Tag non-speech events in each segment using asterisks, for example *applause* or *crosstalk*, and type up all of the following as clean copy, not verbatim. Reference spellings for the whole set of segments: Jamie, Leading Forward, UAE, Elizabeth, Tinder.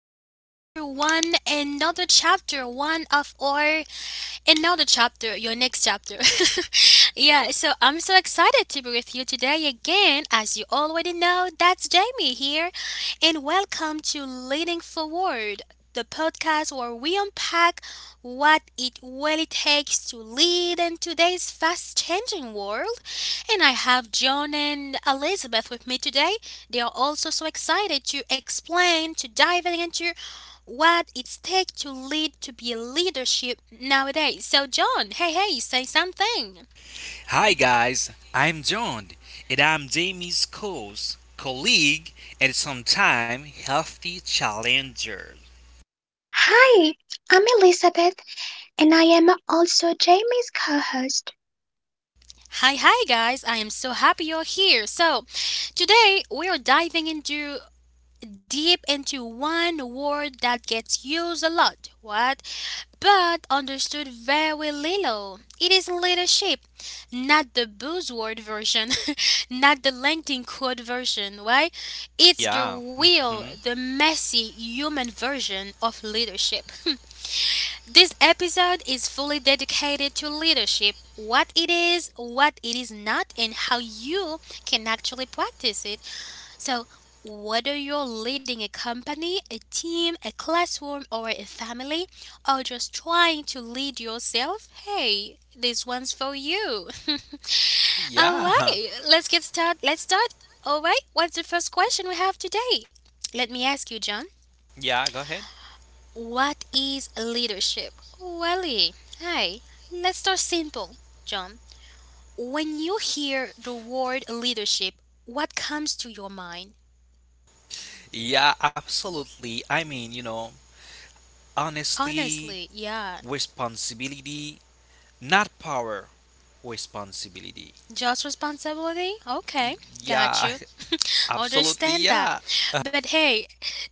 welcome back to one another chapter, one of our and now the chapter, your next chapter. *laughs* Yeah, so I'm so excited to be with you today again. As you already know, that's Jamie here. And welcome to Leading Forward, the podcast where we unpack what it really takes to lead in today's fast changing world. And I have John and Elizabeth with me today. They are also so excited to explain, to dive into what it takes to lead to be a leadership nowadays. So John, hey hey, say something. Hi guys, I'm John, and I'm Jamie's co-host, colleague, and sometime healthy challenger. Hi, I'm Elizabeth, and I am also Jamie's co host. Hi hi guys, I am so happy you're here. So today we are diving into deep into one word that gets used a lot, what? But understood very little. It is leadership, not the buzzword version, *laughs* not the LinkedIn quote version, right? It's the Yeah. Hmm. real, the messy human version of leadership. *laughs* This episode is fully dedicated to leadership, what it is not, and how you can actually practice it, so whether you're leading a company, a team, a classroom, or a family, or just trying to lead yourself, hey, this one's for you. *laughs* All Yeah. right, let's get started. Let's start. All right, what's the first question we have today? Let me ask you, John. Yeah. Go ahead. What is leadership? Welly, hi. Let's start simple, John. When you hear the word leadership, what comes to your mind? Yeah. Absolutely. I mean, honestly, Honestly, yeah. responsibility, not power. Responsibility. Just responsibility? Okay, got Yeah. you. *laughs* *laughs* Absolutely. Understand that. Yeah. But hey,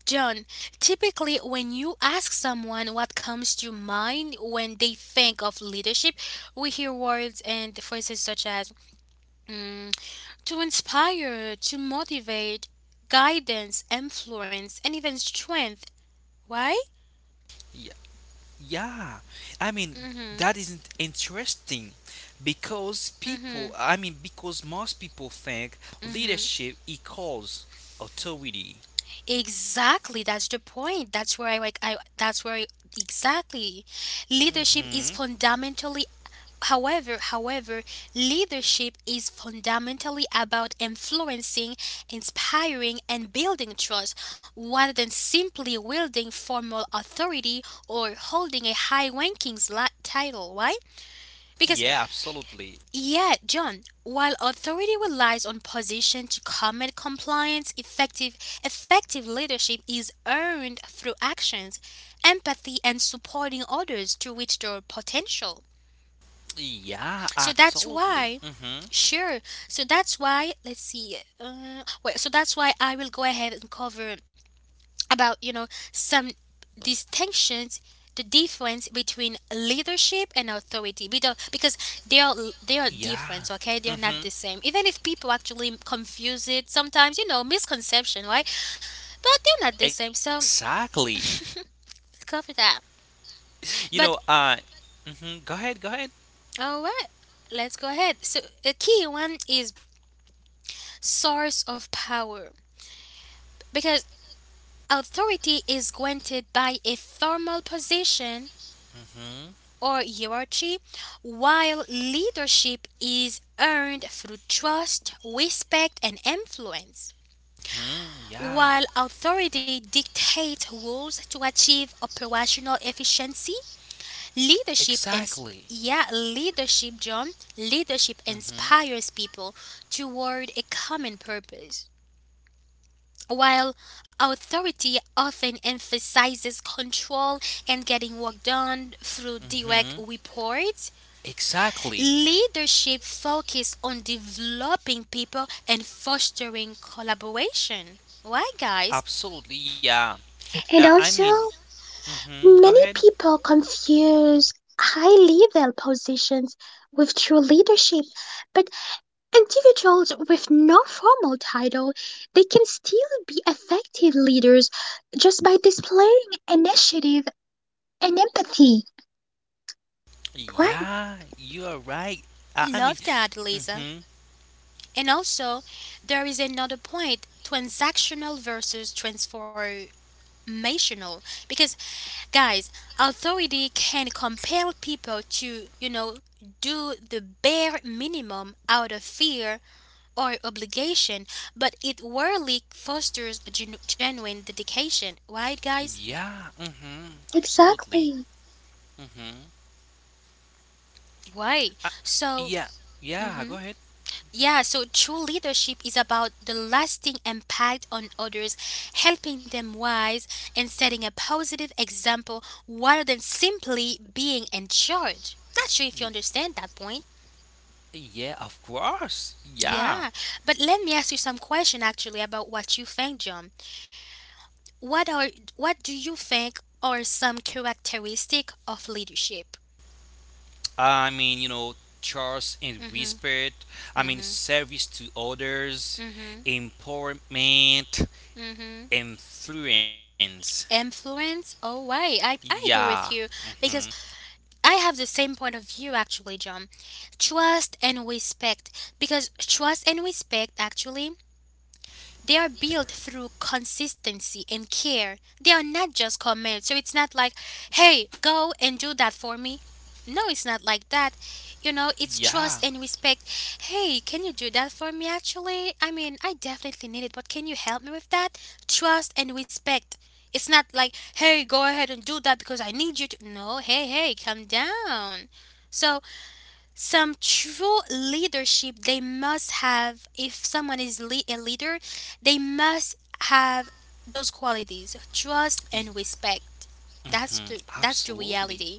John, typically when you ask someone what comes to mind when they think of leadership, we hear words and phrases such as mm, to inspire, to motivate, guidance, influence, and even strength. Why? Yeah, I mean Mm-hmm. that isn't interesting because people, Mm-hmm. I mean because most people think Mm-hmm. leadership equals authority. Exactly, that's the point. That's where I like I that's where I, Exactly. Leadership hmm is fundamentally, however, leadership is fundamentally about influencing, inspiring and building trust rather than simply wielding formal authority or holding a high rankings title, right? Because Yeah, absolutely. yet, John, while authority relies on position to combat compliance, effective leadership is earned through actions, empathy and supporting others to reach their potential. Yeah, So that's why, absolutely. Sure. So that's why let's see. So that's why I will go ahead and cover about, you know, some distinctions, the difference between leadership and authority we don't, because they are they are different, Yeah. okay, they are not the hmm same even if people actually confuse it sometimes, you know, misconception, right? But they're not the same, so Exactly. cover that. You But know, go ahead, go ahead. all right, let's go ahead. So a key one is source of power, because authority is granted by a formal position Hmm. or hierarchy, while leadership is earned through trust, respect, and influence. Hmm. While Yeah, authority dictates rules to achieve operational efficiency, leadership ins- exactly. yeah, leadership Hmm. inspires people toward a common purpose. While authority often emphasizes control and getting work done through Hmm. direct reports, Exactly. leadership focused on developing people and fostering collaboration. Why, guys? Absolutely, yeah. And I mean, also, Mm-hmm. Go ahead. many people confuse high level positions with true leadership, but individuals with no formal title, they can still be effective leaders just by displaying initiative and empathy. Right, Yeah, you are right. I Love mean, that, Lisa. mm-hmm. And also, there is another point, transactional versus transformational. Because, guys, authority can compel people to, you know, do the bare minimum out of fear or obligation, but it rarely fosters a genuine dedication. Right, guys? Yeah, mm-hmm. Absolutely. exactly. Mm-hmm. Why? Uh, yeah, So, yeah, go mhm. ahead. Yeah, so true leadership is about the lasting impact on others, helping them wise and setting a positive example rather than simply being in charge. Not sure if you understand that point. Yeah, of course. Yeah. Yeah, but let me ask you some question actually about what you think, John. What are what do you think are some characteristic of leadership? I mean, trust and Mhm. respect. I mean, Mhm. service to others, Mhm. empowerment, Mhm. influence. Influence? Oh, why? I Yeah. agree with you Mm-hmm. because I have the same point of view actually, John. Trust and respect because trust and respect actually they are built through consistency and care. They are not just commands. So it's not like, hey, go and do that for me. No, it's not like that. You know, it's trust Yeah. and respect. Hey, can you do that for me actually? I mean, I definitely need it, but can you help me with that? Trust and respect. It's not like, hey, go ahead and do that because I need you to. No, hey, hey, calm down. So some true leadership they must have, if someone is a leader they must have those qualities, trust e- and respect. That's the Absolutely. reality.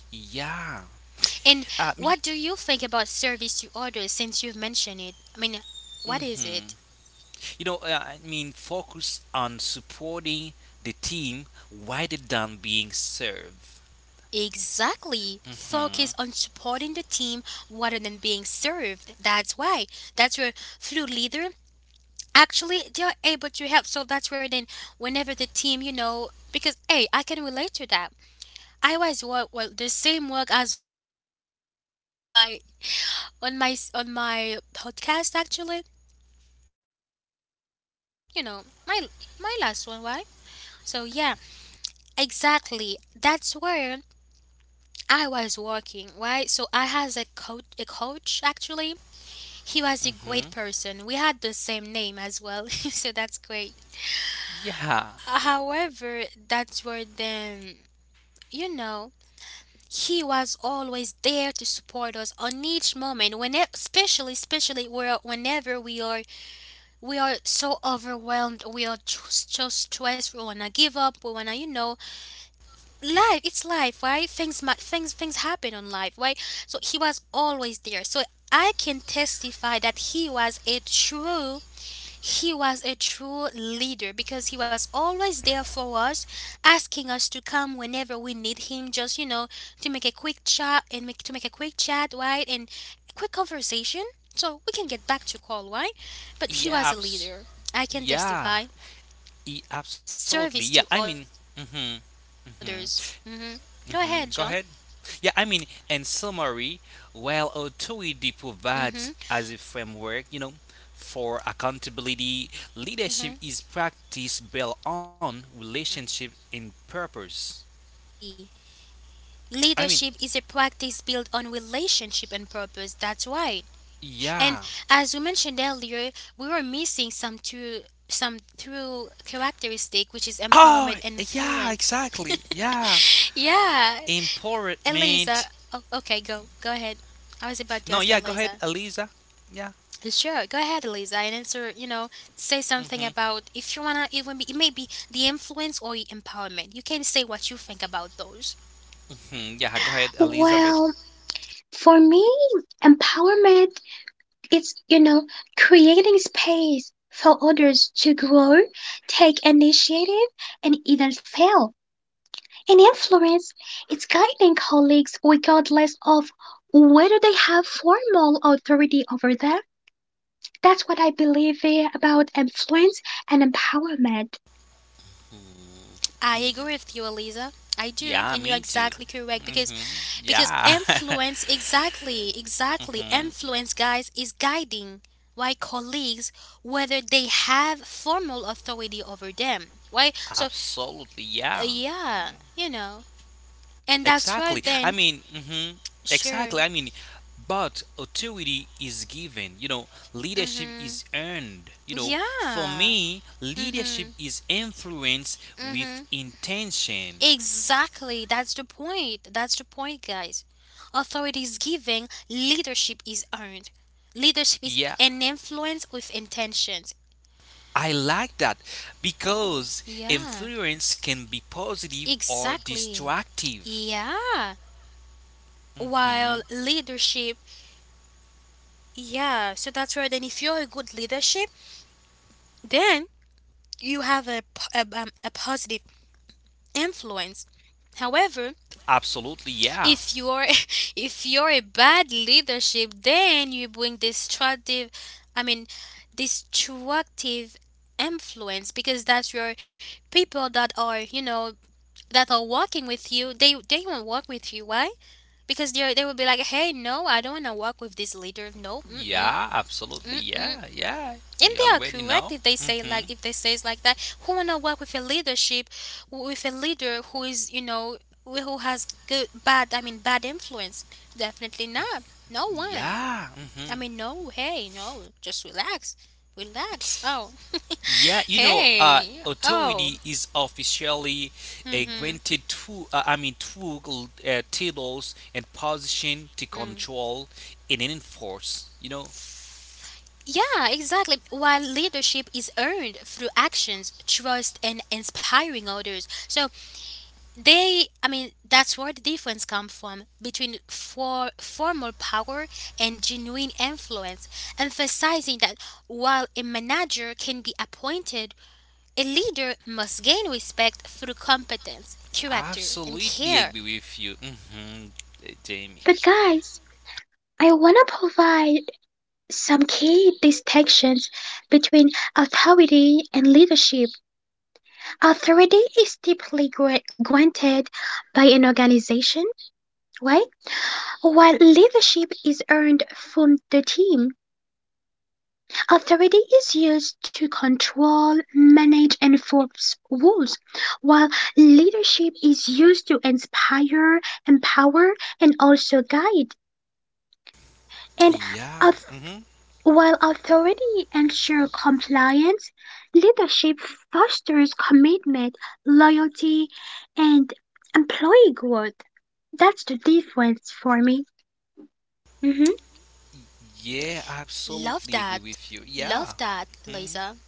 Yeah. And Me. what do you think about service to others since you've mentioned it? I mean, what is Mm-hmm. it? You know, I mean, focus on supporting the team rather than being served. Exactly, focus on Mm-hmm. supporting the team rather than being served. That's why, that's where, through leader, actually they're able to help. So that's where then, whenever the team, you know, because hey, I can relate to that. I always work well, the same work as all I always mention *laughs* on my, on my podcast actually. But even if it was my, you know, my last one, why, so yeah, exactly, that's where I was working, right? So I has a coach, a coach actually. He was a great Mm-hmm. person, we had the same name as well. *laughs* So that's great. Yeah. However, that's where then, you know, he was always there to support us on each moment, when especially, where whenever we are so overwhelmed, we are just stressed, we wanna give up, we wanna, you know, life. It's life, right? Things happen on life, right? So he was always there. So I can testify that he was a true, he was a true leader because he was always there for us, asking us to come whenever we need him, just you know, to make a quick chat and make a quick chat, right? And quick conversation. So we can get back to call, right? But he was a Yeah. leader. I can testify. Yeah. Service Absolutely. to Yeah. I mean. others. Mm-hmm. Hmm Go ahead, Mm-hmm. John. Mm-hmm. Go ahead. Yeah. I mean, in summary, while Hmm authority provides as a framework, for accountability, hmm leadership is practiced built on relationship and purpose. Exactly. Leadership I mean, is a practice built on relationship and purpose. That's right. And yeah. as we mentioned earlier, we were missing some true, some true characteristic which is empowerment Oh, and yeah, influence. exactly. Yeah. Yeah. Eliza, Empowerment. oh, okay, go. Go ahead. I was about to No, ask yeah, go ahead, Eliza. Eliza. Yeah. Sure, go ahead, Eliza, and answer, you know, say something Mm-hmm. about if you wanna, even be it may be the influence or the empowerment. You can say what you think about those. Hmm. Yeah, go ahead, Elizabeth. Well, for me, empowerment It's, you know, creating space for others to grow, take initiative, and even fail and influence. It's guiding colleagues regardless of whether they have formal authority over them. That's what I believe about influence and empowerment. Mm. I agree Y- with you, Eliza. I do, Yeah, and you're me too. exactly correct because Mm-hmm. because Yeah. influence exactly, *laughs* exactly hmm influence, guys, is guiding why colleagues whether they have formal authority over them. Why? So, Absolutely, yeah. yeah, you know. And that's why Exactly. I then, mean, mhm. sure. Exactly. I mean, but authority is given. You know, leadership Mhm. is earned. You know, for Yeah. me, leadership Mhm. is influence Mhm. with intention. Exactly, that's the point. That's the point, guys. Authority is given, leadership is earned. Leadership is Yeah, an influence with intentions. I like that because Yeah, influence can be positive or exactly. destructive. Yeah. Mhm. While leadership, yeah, so that's right. Then if you're a good leadership, then you have a positive influence. However, Absolutely, yeah. if you're *laughs* if you're a bad leadership, then you bring destructive, I mean, destructive influence, because that's your people that are, you know, that are working with you. They won't work with you. Why? Because they will be like, hey, no, I don't want to work with this leader. No, Yeah, absolutely, mm mm yeah, yeah. and You they are already correct know. if they say Hmm. like, if they says like that, who want to work with a leadership, with a leader who is, you know, who has good bad, I mean, bad influence, definitely not, no one, Yeah. I Mm-hmm. mean no, hey no, just relax, relax oh Yeah, *laughs* hey oh. authority is officially Mm-hmm. granted to, I mean, two titles and position to Mm. control and enforce. Yeah, exactly, while leadership is earned through actions, trust and inspiring others. So they, I mean, that's where the difference comes from between formal power and genuine influence, emphasizing that while a manager can be appointed, a leader must gain respect through competence, character, and Absolutely care. agree with you, Jamie. But, guys, I want to provide some key distinctions between authority and leadership. Authority is typically granted by an organization, right? While leadership is earned from the team, authority is used to control, manage, and enforce rules, while leadership is used to inspire, empower, and also guide. And Yeah, auth- while authority ensures compliance, leadership fosters commitment, loyalty, and employee growth. That's the difference for me. Mhm. yeah, Love absolutely agree that. with you. Yeah, Love that, hmm Lisa.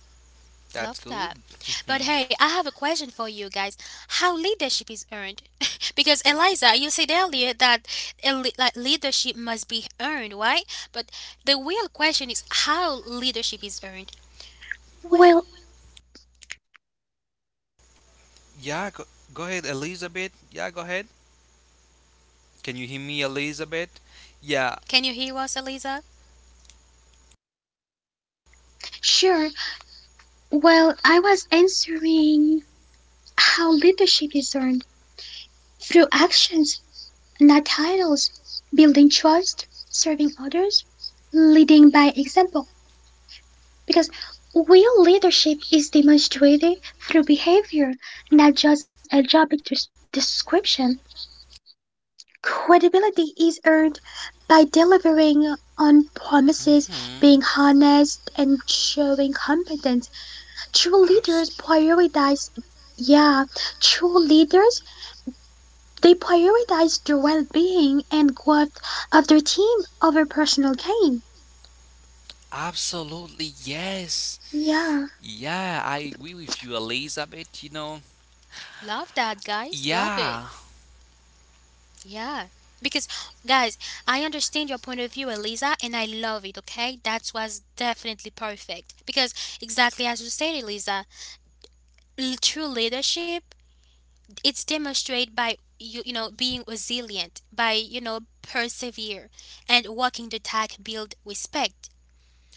that's Love good. that. But Hmm. hey, I have a question for you guys. How leadership is earned? *laughs* Because Eliza, you said earlier that a like leadership must be earned, right? But the real question is how leadership is earned. Well, Well, Yeah, go ahead, Elizabeth. Yeah, go ahead. Can you hear me, Elizabeth? Yeah. can you hear us, Eliza? sure. Well, I was answering how leadership is earned through actions, not titles, building trust, serving others, leading by example. Because real leadership is demonstrated through behavior, not just a job description. Credibility is earned by delivering on hmm promises, being honest, and showing competence. True Absolutely. leaders prioritize, yeah, true leaders, they prioritize the well being and growth of their team over personal gain. Absolutely, yes. Yeah, Yeah, I agree with you, Elizabeth. Love that, guys. Love it. Yeah. Yeah. Because, guys, I understand your point of view, Eliza, and I love it, okay? That was definitely perfect. Because, exactly as you said, Eliza, true leadership, it's demonstrated by you, you know, being resilient, by, you know, persevere and walking the talk, build respect.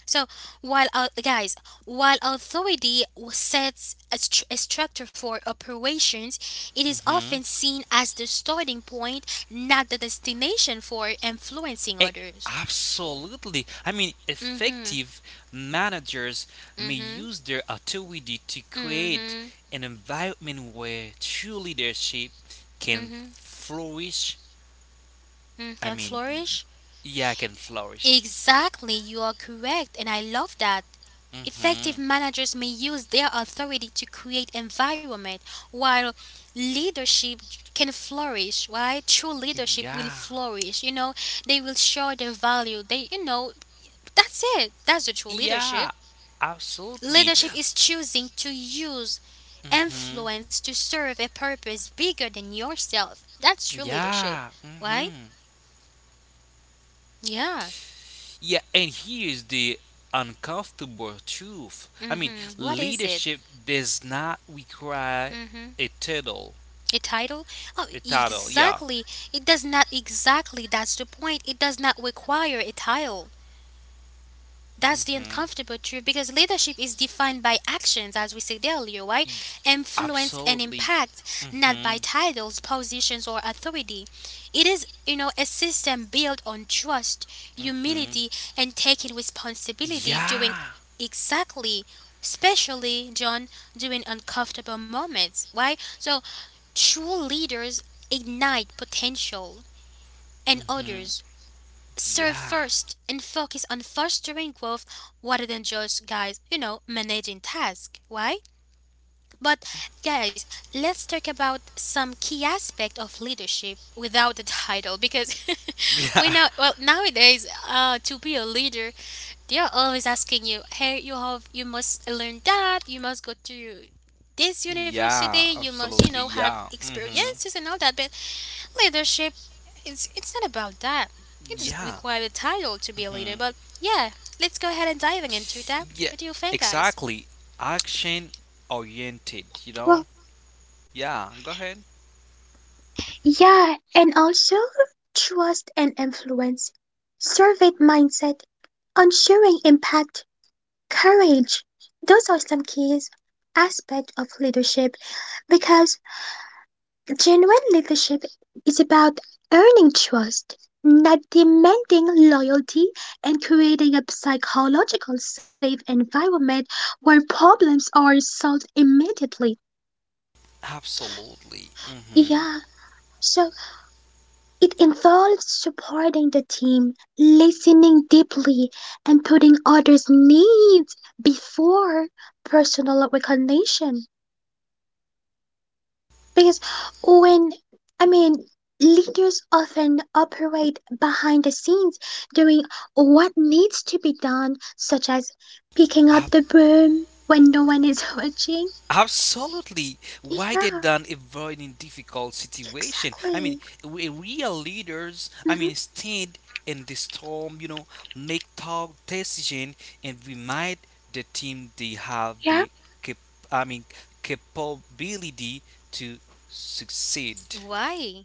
So while guys, while authority sets a structure for operations, it is often hmm seen as the starting point, not the destination for influencing others. Absolutely. I mean, Mm. effective managers may Mhm. use their authority to Mm. Mhm. Mm. create Mhm. an environment where true leadership can Mhm. flourish. Mhm. I Can mean, flourish. yeah, can flourish. Exactly, you are correct, and I love that. Effective hmm managers may use their authority to create environment while leadership can flourish, right? True leadership will Yeah. flourish, you know, they will show their value. They, you know, that's it. That's the true leadership. Yeah, absolutely. Leadership is choosing to use hmm influence to serve a purpose bigger than yourself. That's true leadership. Yeah. Why? Hmm. Yeah. Yeah, and here's the uncomfortable truth. I mean, Mhm. What is it? leadership does not require Mhm. a title. A title? Oh, A title. Yeah. exactly. It does not exactly. That's the point. It does not require a title. That's the hmm uncomfortable truth because leadership is defined by actions, as we said earlier, right? Influence and Absolutely. impact, not by Hmm. titles, positions, or authority. It is, you know, a system built on trust, Hmm. humility, and taking responsibility during Yeah. exactly, especially, John, during uncomfortable moments, right? So true leaders ignite potential, and Hmm. others serve Yeah. first and focus on fostering growth rather than just, guys, managing tasks. Why? But, guys, let's talk about some key aspect of leadership without the title because *laughs* *laughs* we Yeah. know, well, nowadays, to be a leader, they are always asking you, hey, you have, you must learn that, you must go to this university, Yeah. you must, you know, Absolutely. have Yeah. Hmm. experiences and all that. But. Leadership, it's not about that. It doesn't Yeah. require a title to be a leader, Hmm. but yeah, let's go ahead and diving into that. Yeah, What do you think, guys? exactly. Action oriented, you know? well, Yeah, go ahead. yeah, and also trust and influence, servant mindset, ensuring impact, courage. Those are some keys aspect of leadership because genuine leadership is about earning trust, not demanding loyalty, and creating a psychological safe environment where problems are solved immediately. Absolutely. Mm-hmm. Yeah, so it involves supporting the team, listening deeply, and putting others' needs before personal recognition. Because when, I mean, leaders often operate behind the scenes doing what needs to be done, such as picking up Ab- the broom when no one is *laughs* watching. Absolutely. Rather Yeah, than avoiding difficult situation. I mean, exactly. we real leaders, I mean, Hmm. stand in the storm, make tough decision and remind the team they have Yeah, the cap- I mean, capability to succeed. Why?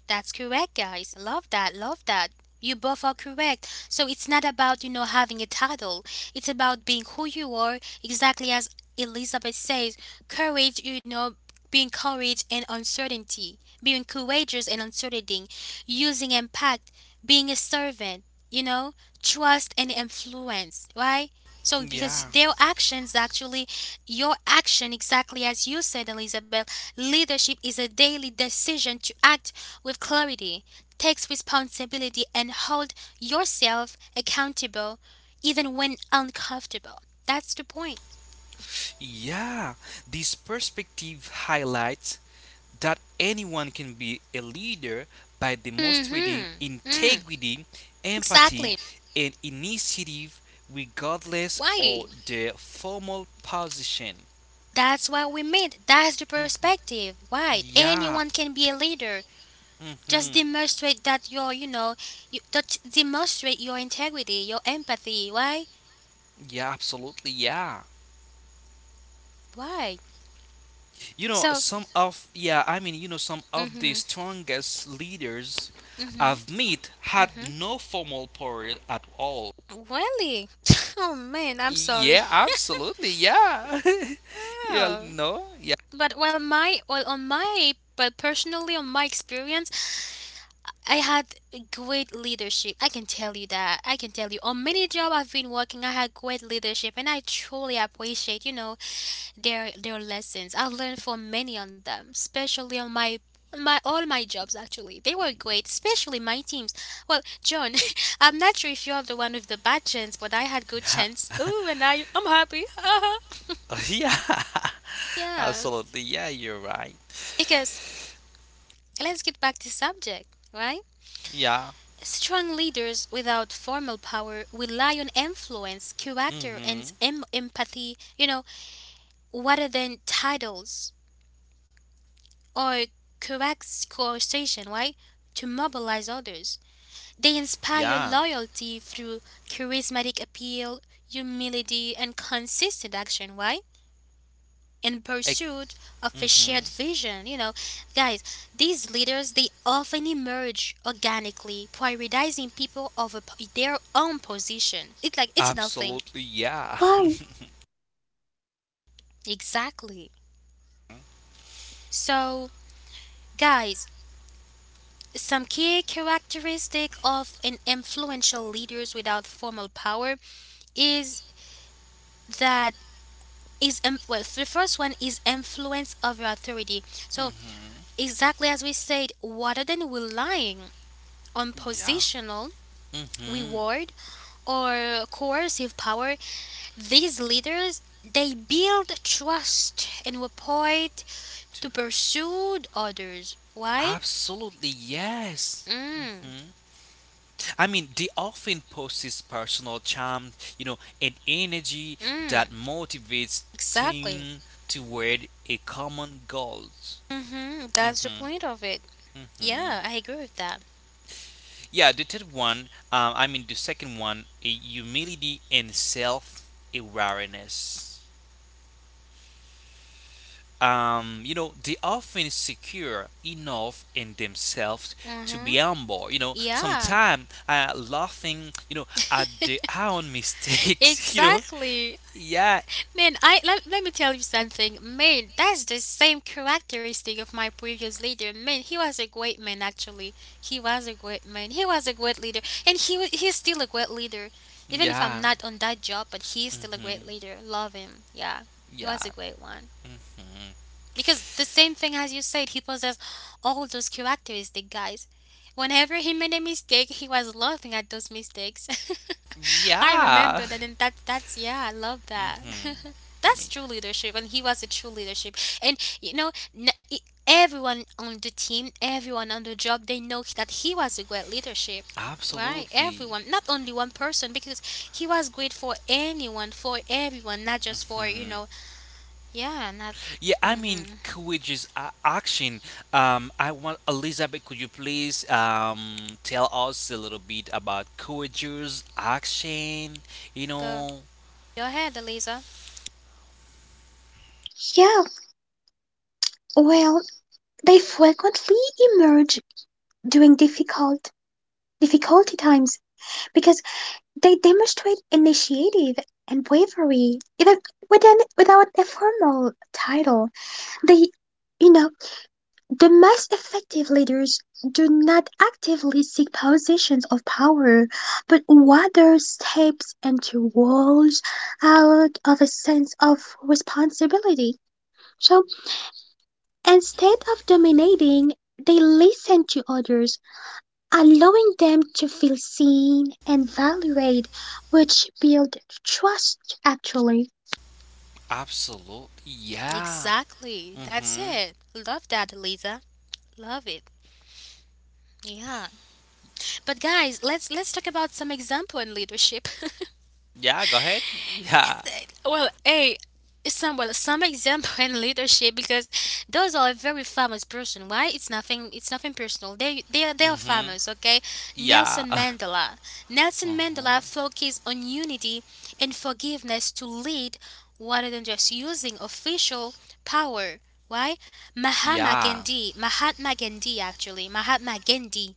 That's correct, guys. Love that. Love that. You both are correct. So it's not about, you know, having a title. It's about being who you are, exactly as Elizabeth says. Courage, you know, being courage and uncertainty. Being courageous and uncertainty. Using impact. Being a servant, you know, trust and influence, right? So because Yeah, their actions actually your action exactly as you said, Elizabeth, leadership is a daily decision to act with clarity, takes responsibility and hold yourself accountable even when uncomfortable. That's the point. yeah. This perspective highlights that anyone can be a leader by demonstrating Mhm. Mm. integrity, Exactly. empathy, and initiative regardless Why? of their formal position. That's what we meant. That's the perspective. Why? Yeah. Anyone can be a leader. Just Mm-hmm. demonstrate that you're, you know, you, that demonstrate your integrity, your empathy. Why? Yeah, absolutely. Yeah. Why? So, Some of, yeah, I mean, some of the mm-hmm, strongest leaders I've met had mm-hmm. no formal power at all. Really? *laughs* Oh man, I'm sorry. Yeah, absolutely. Yeah. *laughs* Yeah, Oh. no. Yeah. But well, my well on my but personally on my experience, I had great leadership. I can tell you that. I can tell you on many job I've been working, I had great leadership, and I truly appreciate you know their lessons. I've learned from many on them, especially on my my all my jobs actually. They were great, especially my teams. Well, John, *laughs* I'm not sure if you're the one with the bad chance, but I had good Yeah. chance. Ooh, and I I'm happy. *laughs* Yeah. *laughs* *laughs* Yeah, Absolutely. Yeah, you're right. because let's get back to subject, right? Yeah. Strong leaders without formal power rely on influence, character, and Mhm. Empathy, you know, rather than titles or correct coercion, right? To mobilize others. They inspire Yeah. loyalty through charismatic appeal, humility, and consistent action, why? In Ex- pursuit of a mhm. shared vision. You know, guys, these leaders they often emerge organically, prioritizing people over their own position. It's like it's nothing. Absolutely. Yeah. why? *laughs* Exactly. So, guys, some key characteristic of an influential leaders without formal power is that is well the first one is influence over authority. So, Mhm. exactly as we said, rather than relying on Yeah. positional Mhm. reward or coercive power, these leaders they build trust and rapport to pursue others. Why? Absolutely. Yes. Mm, Mhm. I mean, they often post his personal charm, and energy that mm, motivates exactly. team toward a common goal. Mm-hmm, that's the Hmm. point of it. Hmm. Yeah, I agree with that. Yeah, the third one, I mean, the second one, a humility and self awareness. They often secure enough in themselves to Mm-hmm. be humble. Yeah, Sometimes laughing, at their own mistakes. *laughs* Exactly. yeah, Man, let me tell you something. Man, that's the same characteristic of my previous leader. Man, he was a great man actually. He was a great man. He was a great leader, and he's still a great leader, even if I'm yeah. not on that job. But he's still a great Mhm. leader. Love him. Yeah, he was Yeah. a great one. Mhm. Because the same thing as you said, he possessed all those characteristics, guys. Whenever he made a mistake, he was laughing at those mistakes. *laughs* I Yeah. remember that, and that's yeah, I love *laughs* that. Mhm. *laughs* I mean, That's true leadership, and he was a true leadership. And you know, n- e- everyone on the team, everyone on the job, they know that he was a great leadership. Right, absolutely. everyone, not only one person, because he was great for anyone, for everyone, not just for you Mhm. know, yeah, not. Yeah, I mean, Mm-hmm. could we just action? I want Elizabeth. Could you please tell us a little bit about courageous action? You Go, know, go ahead, Eliza. Yeah, well, they frequently emerge during difficulty times because they demonstrate initiative and bravery, even without a formal title. They, you know, the most effective leaders do not actively seek positions of power, but rather steps into roles out of a sense of responsibility. So instead of dominating, they listen to others, allowing them to feel seen and valued, which build trust actually. absolutely. Yeah. Exactly. That's Mhm. it. Love that, Eliza. Love it. Yeah. But guys, let's talk about some example in leadership. *laughs* Yeah. Go ahead. Yeah. Well, a some well some example *laughs* in leadership because those are a very famous person. Why? It's nothing. It's nothing personal. They are Mhm. famous. Okay, Yeah. Nelson *laughs* Mandela. Nelson Mhm. Mandela focused on unity and forgiveness to lead, rather than just using official power. Why? Mahatma Yeah. Gandhi. Mahatma Gandhi actually. Mahatma Gandhi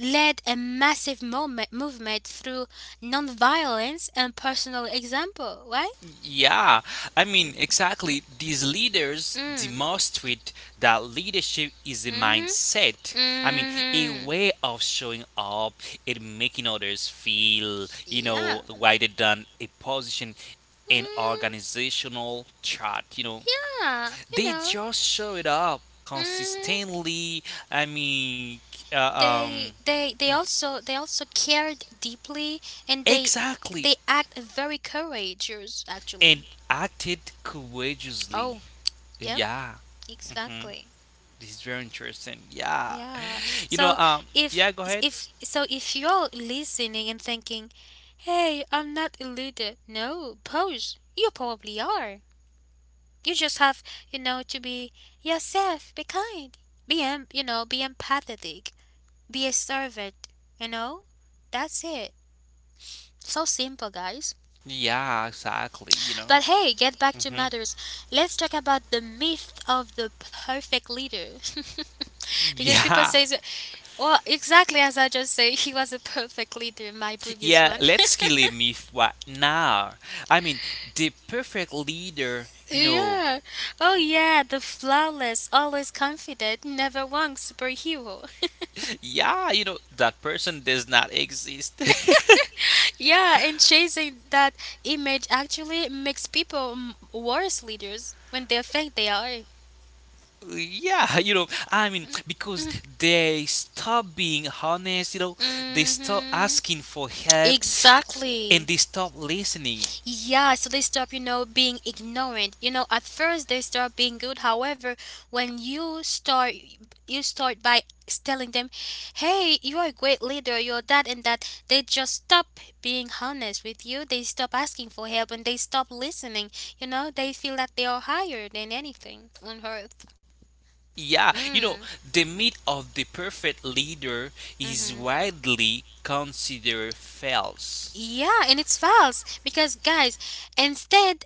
led a massive moment, movement through nonviolence and personal example, why? Yeah, I mean, exactly. These leaders Mm. demonstrate that leadership is a Mhm. mindset. I mean, a Mhm. way of showing up and making others feel, Yeah. Rather than a position in Mm, organizational chart. Yeah. You They know. just show it up Mhm. consistently. I mean, uh, um, They also cared deeply and they exactly, they act very courageous and actually. acted courageously. Oh, yep. Yeah. Mm-hmm. Exactly. This is very interesting. Yeah. Yeah. So if Yeah, go ahead. If you're listening and thinking, "Hey, I'm not a leader." No, pose. You probably are. You just have, you know, to be yourself, be kind, be, you know, be empathetic, be a servant, you know? That's it. So simple, guys. Yeah, exactly. But hey, get back to hmm matters. Let's talk about the myth of the perfect leader. *laughs* Because people yeah. say, well, exactly as I just say, he was a perfect leader in my previous Yeah, one. *laughs* let's kill a myth what now? I mean, the perfect leader, Yeah. Oh, yeah. The flawless, always confident, never wrong superhero. yeah, that person does not exist. *laughs* Yeah, and chasing that image actually makes people worse leaders when they think they are. Yeah, I mean, because *laughs* they stop being honest, they stop Mm-hmm. asking for help and Exactly. they stop listening. Yeah, so they stop, you know, being ignorant. You know, at first they start being good. However, when you start by telling them, "Hey, you are a great leader. You're that and that." They just stop being honest with you. They stop asking for help and they stop listening. You know, they feel that they are higher than anything on earth. Yeah, Mm. the myth of the perfect leader is Mhm. widely considered false. Yeah, and it's false because guys, instead,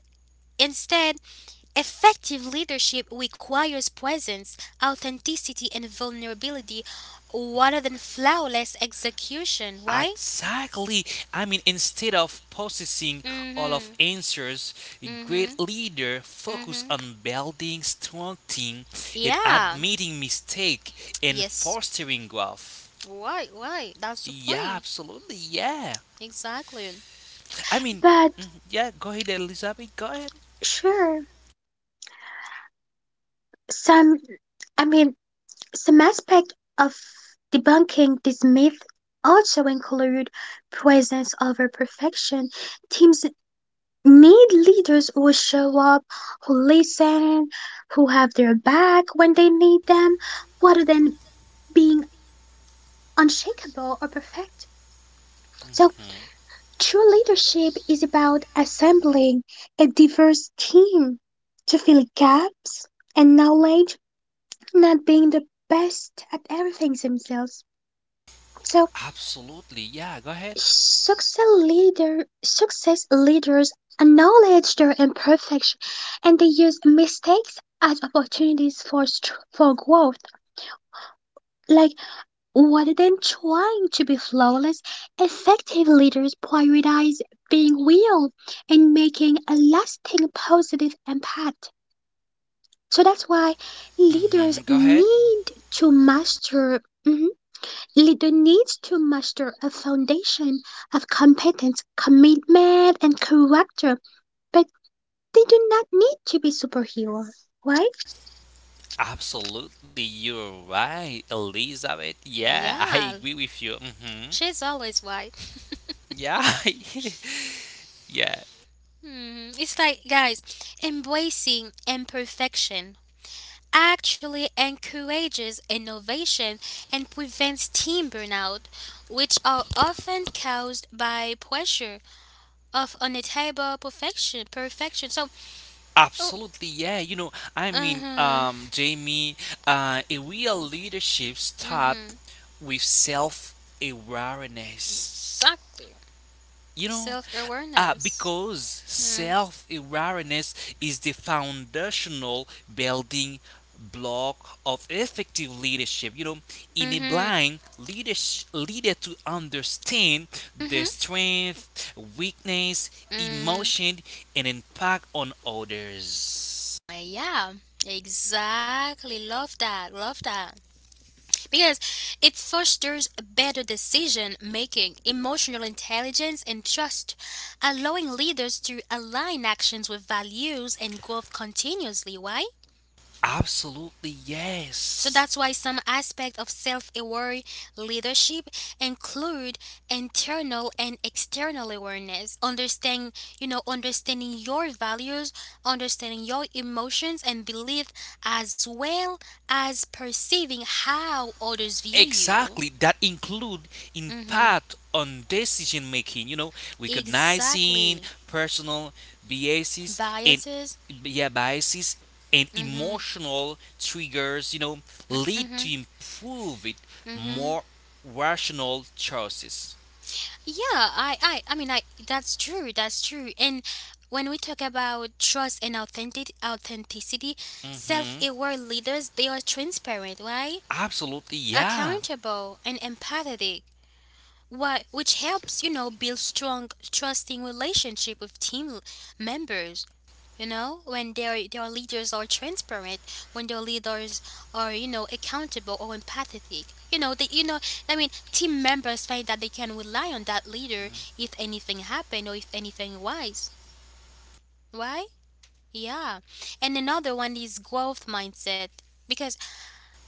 instead effective leadership requires presence, authenticity, and vulnerability rather than flawless execution. Why? Exactly. I mean, instead of possessing all of Mm answers, a hmm. Mm great hmm. leader Mm focus hmm. on building strong team and Yeah. admitting mistake and Yes. fostering growth. Why? Why? That's the Yeah, point. absolutely. Yeah. Exactly. I mean, But mhm, yeah, go ahead, Elizabeth. Go ahead. sure, some I mean, some aspects of debunking this myth also include presence over perfection. Teams need leaders who show up, who listen, who have their back when they need them, rather than being unshakable or perfect. So, Mhm, true leadership is about assembling a diverse team to fill gaps and knowledge, not being the best at everything themselves. So, absolutely. Yeah, go ahead. Success leaders acknowledge their imperfection and they use mistakes as opportunities for for growth. Like rather than trying to be flawless, effective leaders prioritize being real and making a lasting positive impact. So that's why leaders Go ahead. need to master mm-hmm, Leader needs to muster a foundation of competence, commitment, and character, but they do not need to be superhero, right? Absolutely, you're right, Elizabeth. Yeah, *laughs* I Yeah. agree with you. Hmm. She's always right. *laughs* Yeah, *laughs* yeah, Hmm, it's like, guys, embracing imperfection actually encourages innovation and prevents team burnout, which are often caused by pressure of unattainable perfection. Perfection. So, oh, absolutely. Yeah, I uh mean, huh, Jamie, a real leadership uh start huh, with self awareness. exactly. you know Self awareness. because Mm self-awareness is the foundational building block of effective leadership, hmm, enabling leader to understand mm their hmm, strength weakness mm. emotion and impact on others. Yeah, exactly. Love that. Love that. Because it fosters better decision making, emotional intelligence, and trust, allowing leaders to align actions with values and growth continuously. Why? Absolutely, So yes. that's why some aspects of self aware leadership include internal and external awareness, understanding, you know, understanding your values, understanding your emotions and beliefs, as well as perceiving how others view you. Exactly, that include Mhm. impact on decision making, Exactly. recognizing personal biases and Biases. yeah, biases and Mhm. emotional triggers, lead Mhm. to improve it Mhm. more rational choices. Yeah, I mean I that's true. That's true. And when we talk about trust and authentic authenticity, Mhm. self-aware leaders, they are transparent, right? Absolutely, yeah. Accountable and empathetic. What which helps, you know, build strong trusting relationship with team members. You know when their leaders are transparent, when their leaders are you know accountable or empathetic, you know they you know I mean team members find that they can rely on that leader if anything happened or if anything wise. Why? Yeah, and another one is growth mindset because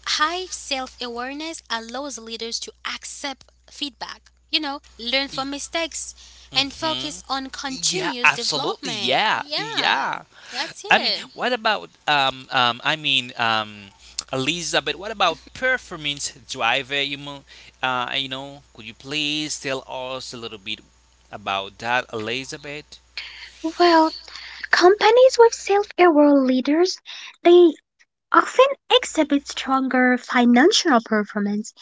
high self-awareness allows leaders to accept feedback, you know, learn from mistakes and Mhm. focus on Yeah, continuous absolutely, development. yeah. Yeah, Yeah. that's I mean, it. what about Elizabeth, what about performance driver? You mo- you know, Could you please tell us a little bit about that, Elizabeth? Well, companies with self-aware leaders, they often exhibit stronger financial performance.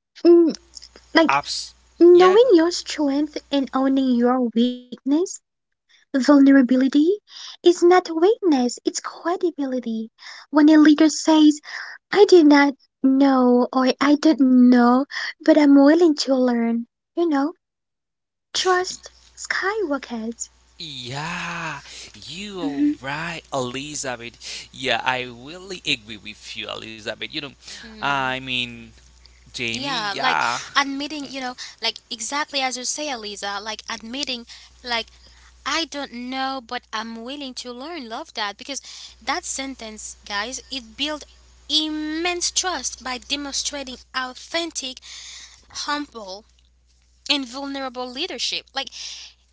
Mm. Like Abs knowing Yeah, your strength and owning your weakness, vulnerability, is not weakness, it's credibility. When a leader says, I did not know, or I do not know, but I'm willing to learn. You know, trust skywalkers. yeah, you are Mhm. right, Elizabeth. Yeah, I really agree with you, Elizabeth. I Mm, mean, Jamie, yeah, like yeah. admitting, you know, like exactly as you say, Aliza, like admitting, like, I don't know, but I'm willing to learn. Love that because that sentence, guys, it builds immense trust by demonstrating authentic, humble, and vulnerable leadership. Like,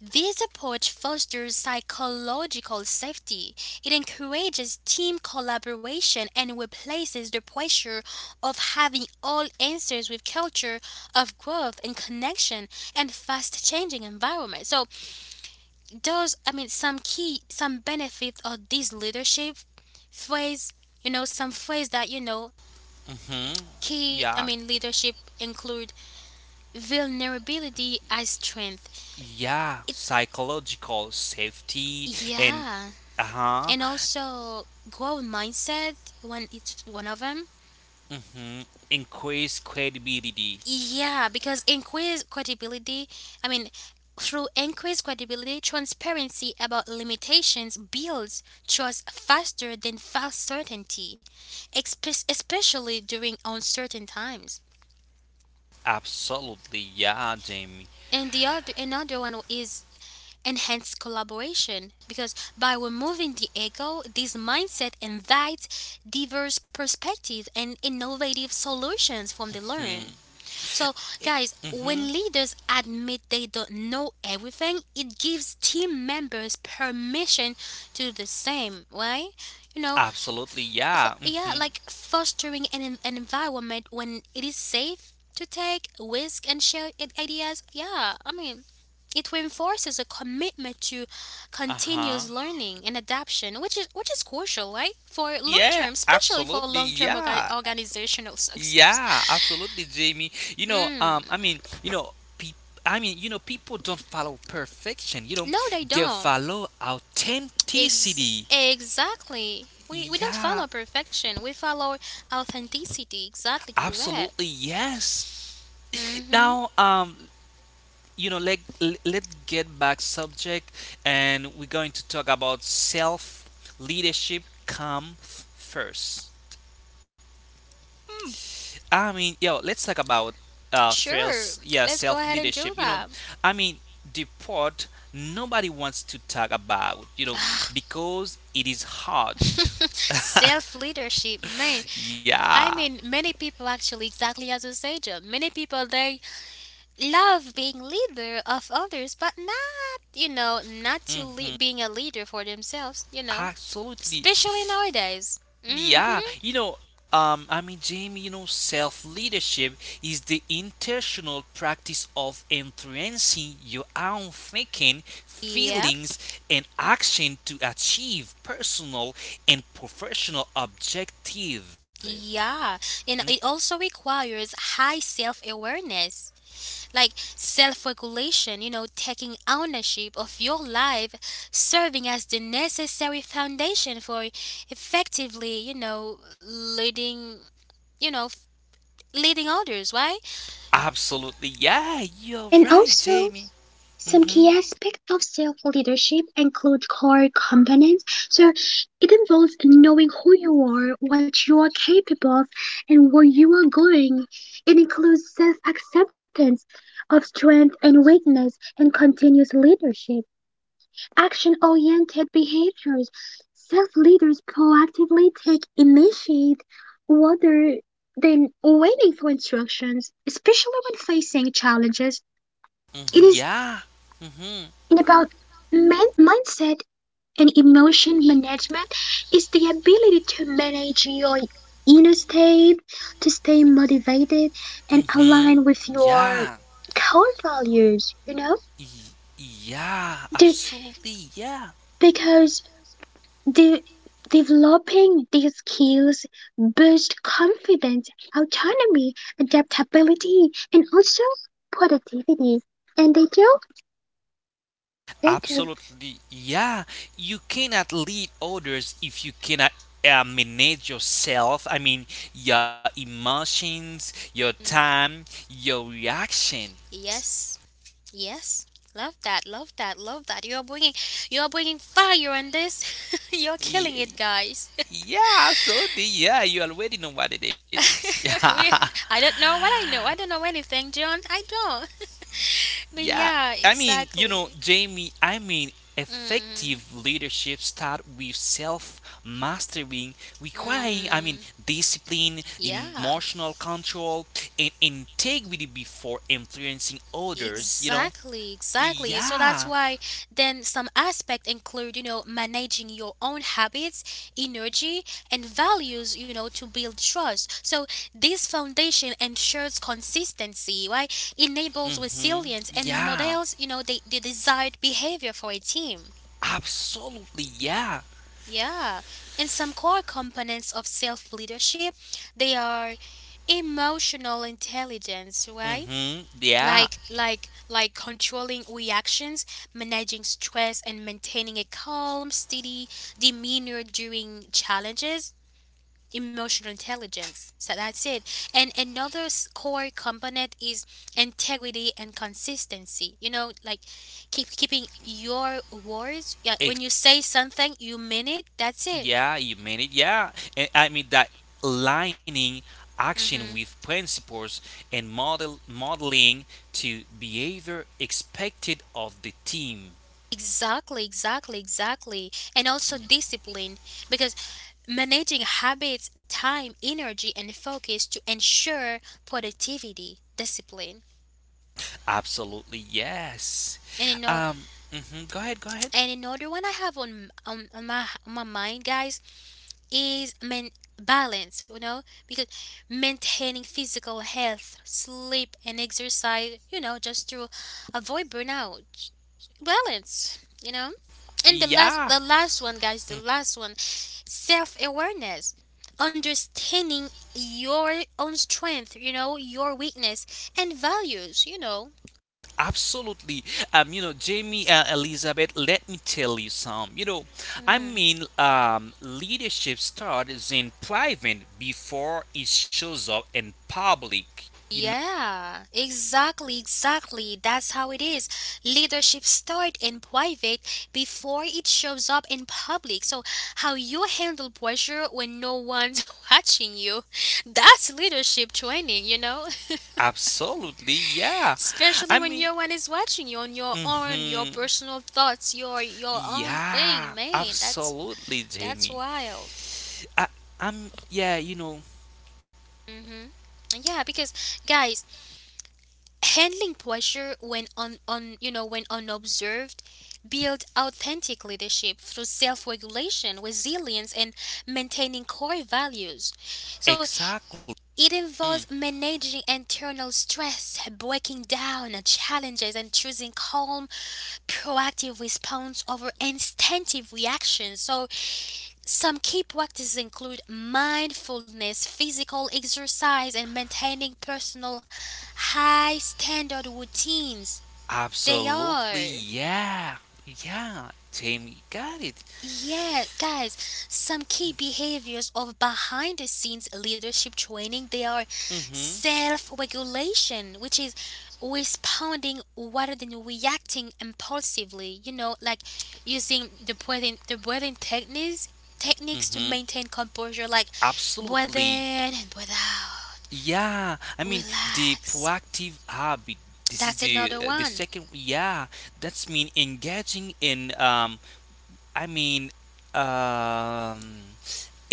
this approach fosters psychological safety. It encourages team collaboration and replaces the pressure of having all answers with culture of growth and connection and fast changing environment. So those I mean some key some benefits of this leadership phrase, you know, some phrase that you know Mm-hmm. key I Yeah. mean leadership include vulnerability as strength. Yeah, It psychological safety and yeah. uh-huh, And also growth mindset when it's one of them, hmm increased credibility. yeah, because increased credibility I mean through increased credibility transparency about limitations builds trust faster than false certainty especially during uncertain times. Absolutely, yeah, Jamie. And the other another one is enhanced collaboration because by removing the ego, this mindset invites diverse perspectives and innovative solutions from the Hmm. learn. So, e, guys, Mm-hmm. when leaders admit they don't know everything, it gives team members permission to do the same, right? You know, Absolutely, yeah. yeah, Mm-hmm. like fostering an, an environment when it is safe to take risk and share ideas. Yeah, I mean, it reinforces a commitment to Uh-huh. continuous learning and adaptation, which is crucial, right? For long Yeah, term, especially for absolutely, long term yeah. organizational success. Yeah, absolutely, Jamie. You know, I mean, you know, pe, I mean, you know, people don't follow perfection. No, they They don't. follow Ex- authenticity. exactly. We don't Yeah, follow perfection. We follow authenticity. Exactly absolutely, correct. yes. Mm-hmm. Now, let let's get back subject, and we're going to talk about self leadership. First. I mean, let's talk about Sure. first, yeah, Let's go self ahead and leadership. do that. I mean, the part nobody wants to talk about. Because it is hard. *laughs* Self leadership, man. Yeah. I mean, many people actually, exactly as you say, John. Many people they love being leader of others, but not, you know, not to le- hmm being a leader for themselves. You know, Absolutely. especially nowadays. Yeah, Mm-hmm. I mean, Jamie, self leadership is the intentional practice of influencing your own thinking, Yep. feelings, and action to achieve personal and professional objectives. Yeah, and it also requires high self awareness, like self regulation, you know, taking ownership of your life, serving as the necessary foundation for effectively, you know, leading, you know, f- leading others, right? Absolutely, yeah, you're And right, also, Jamie. some Mm-hmm. key aspects of self leadership include core components. So, it involves knowing who you are, what you are capable of, and where you are going. It includes self acceptance of strength and weakness and continuous leadership. Action oriented behaviors. Self leaders proactively take initiative rather than waiting for instructions, especially when facing challenges. Hmm. It is Yeah. Mm-hmm. about mindset and emotion management, is the ability to manage your inner state, to stay motivated and Mm-hmm. align with Yeah. your core values, you know? Y- Yeah, The- absolutely. Yeah. Because De- developing these skills boosts confidence, autonomy, adaptability, and also productivity. And they do. Absolutely. Yeah. You cannot lead others if you cannot manage yourself. I mean, your emotions, your Mm, time, your reactions. Yes, yes. Love that, love that, love that. You're bringing fire on this. *laughs* you're killing Y- it, guys. Yeah, absolutely. Yeah, you already know what it is. *laughs* *laughs* we, Yeah. I don't know what I know. I don't know anything, John. I don't. *laughs* But Yeah, yeah, I mean, exactly. Jamie, I mean, Mm, effective leadership start with self mastering, requiring, I mm, mean, discipline, yeah. emotional control, and integrity before influencing others, you know? Exactly, exactly. So that's Yeah. why then some aspect include, you know, managing your own habits, energy, and values, you know, to build trust. So this foundation ensures consistency, right? Enables Mhm. resilience and models, Yeah. you know, the desired behavior for a team. Absolutely. Yeah. Yeah, and some core components of self leadership, they are emotional intelligence, right? Mhm. Like Yeah. like like controlling reactions, managing stress and maintaining a calm, steady demeanor during challenges, emotional intelligence. So that's it. And another core component is integrity and consistency. You know, like keeping your words. Yeah, when you say something, you mean it. That's it. Yeah, you mean it. Yeah, and I mean that aligning action Mm-hmm. with principles and modeling to behavior expected of the team. Exactly, exactly, exactly. And also discipline, because managing habits, time, energy and focus to ensure productivity, discipline. Absolutely, yes. And you know Mhm, go ahead, go ahead. and another one I have on my mind guys is balance, you know, because maintaining physical health, sleep, and exercise, you know, just to avoid burnout. Balance, you know. And Yeah, the last one, guys, the last one, self awareness, understanding your own strength, you know, your weakness and values, you know. absolutely. Jamie, Elizabeth, let me tell you some. I Mm. mean, leadership starts in private before it shows up in public. You Yeah, exactly, exactly. That's how it is. Leadership starts in private before it shows up in public. So, how you handle pressure when no one's *laughs* watching you, that's leadership training, you know? Absolutely, *laughs* yeah. I Especially when mean, no one is watching you on your own, your hmm personal thoughts, your own thing, yeah, man. Absolutely, That's Jamie. wild. I, I'm, yeah, Yeah, because guys, handling pressure when un, un you know when unobserved build authentic leadership through self-regulation, resilience and maintaining core values. So exactly. it Mm, involves managing internal stress, breaking down challenges and choosing calm, proactive response over instinctive reactions. So some key practices include mindfulness, physical exercise, and maintaining personal high standard routines. They absolutely, are. yeah, yeah, Jamie, got it. Yeah, guys, some key behaviors of behind the scenes leadership training they are Mm-hmm. self-regulation, which is responding rather than reacting impulsively, you know, like using the breathing techniques to Mm-hmm. maintain composure like breathe Absolutely. in and breathe out. Yeah. I mean, the Relax. proactive habit. This is That's the another uh, the one. second. Yeah. That's mean engaging in I mean, um,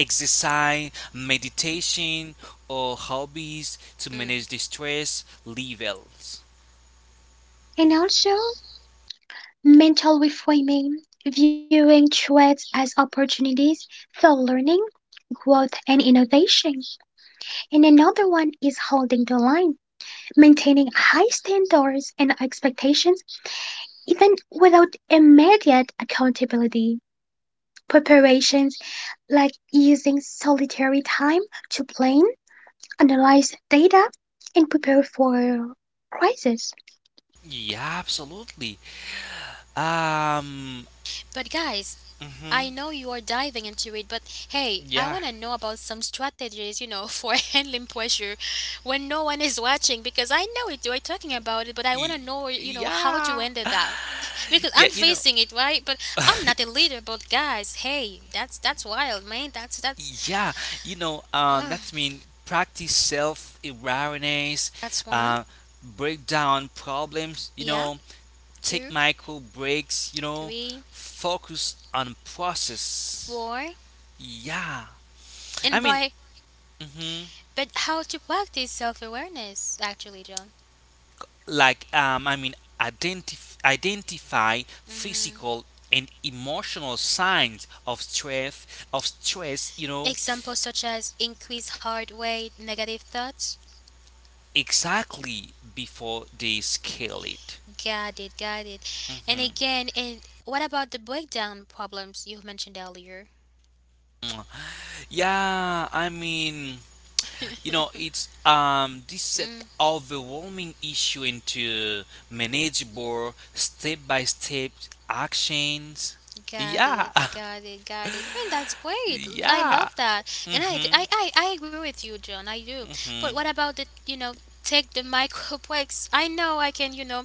exercise, meditation, or hobbies to Hmm. manage the stress levels. And also mental reframing, viewing threats as opportunities for learning, growth, and innovation. And another one is holding the line, maintaining high standards and expectations even without immediate accountability. Preparations like using solitary time to plan, analyze data, and prepare for crisis. Yeah, absolutely. Um, But guys, mhm, I know you are diving into it, but hey, I yeah, want to know about some strategies, you know, *laughs* for handling pressure when no one is watching because I know it, you're talking about it, but I want Y- to know, you know, how to yeah, handle *laughs* that. *laughs* Because yeah. I'm facing it, right? But I'm not a *laughs* leader, but guys, hey, that's wild, man. That's yeah. That ugh. means practice self awareness, That's one. uh, break down problems. Yeah, Take two, micro breaks, three, focus on process. four. Yeah. I And mean, by mhm. but how to practice self-awareness actually, John. Like I mean identify Mhm. physical and emotional signs of stress, Examples such as increase hard weight, negative thoughts. exactly before they scale it. Got it, got it. And Mhm. again, and what about the breakdown problems you mentioned earlier? *laughs* Yeah, I mean, it's this set Mm, overwhelming issue into manageable step-by-step actions. got Yeah. it, got it, got it. And that's *laughs* great. I Yeah. love that. And Hmm. I agree with you, John. I do. But Hmm. what about the, you know, take the micro *laughs* breaks? I know I can, you know,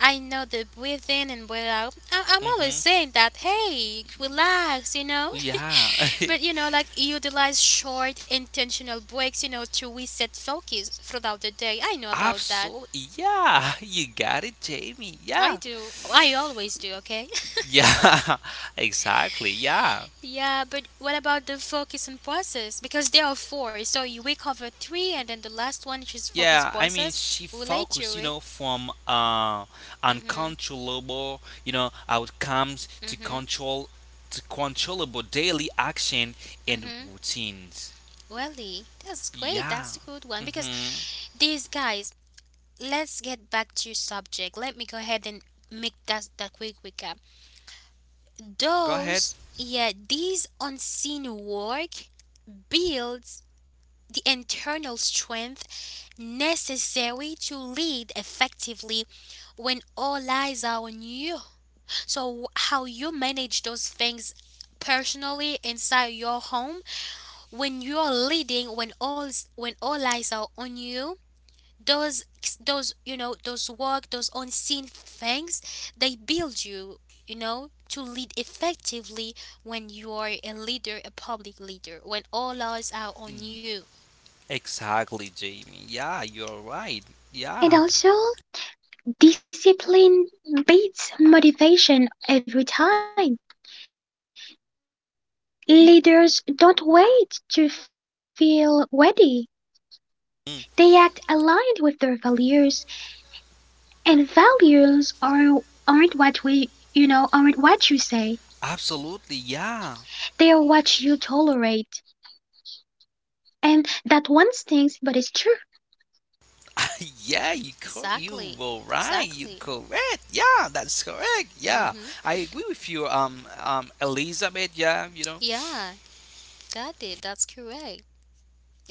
I know the breathe in and breathe out. I'm always Hmm. saying that, hey, relax, you know? *laughs* Yeah. But you *laughs* know, like utilize short intentional breaks, you know, to reset focus throughout the day. I know about that. Absolutely, yeah. *laughs* You got it, Jamie. I Yeah, do. I always do, okay? yeah. *laughs* Exactly, yeah. *laughs* Yeah, but what about the focus and process? Because there are four. So you we cover three and then the last one which is focus Yeah, I mean, process. she Relate to focused, it. From Mhm. uncontrollable, outcomes to Mhm. control to controllable daily action and Mhm. routines. Welly, that's great. Yeah. That's a good one because Mm-hmm. these guys, let's get back to subject. Let me go ahead and make that quick recap. Go ahead. Those, yeah, these unseen work builds the internal strength necessary to lead effectively when all eyes are on you. So, how you manage those things personally inside your home when you're leading, when all eyes are on you, those those you know those work those unseen things they build you you know to lead effectively when you are a leader a public leader when all eyes are on Y- you. Exactly, Jamie. Yeah, you're right. Yeah. And also, discipline beats motivation every time. Leaders don't wait to feel ready. Mm, They act aligned with their values, and values are aren't what we you know aren't what you say. absolutely. Yeah. They are what you tolerate, and that one stings, but it's true. *laughs* Yeah, you Exactly, were right. You exactly. correct. Yeah, that's correct. Yeah, Mm-hmm. I agree with you, Elizabeth. Yeah. Yeah, got it, that's correct.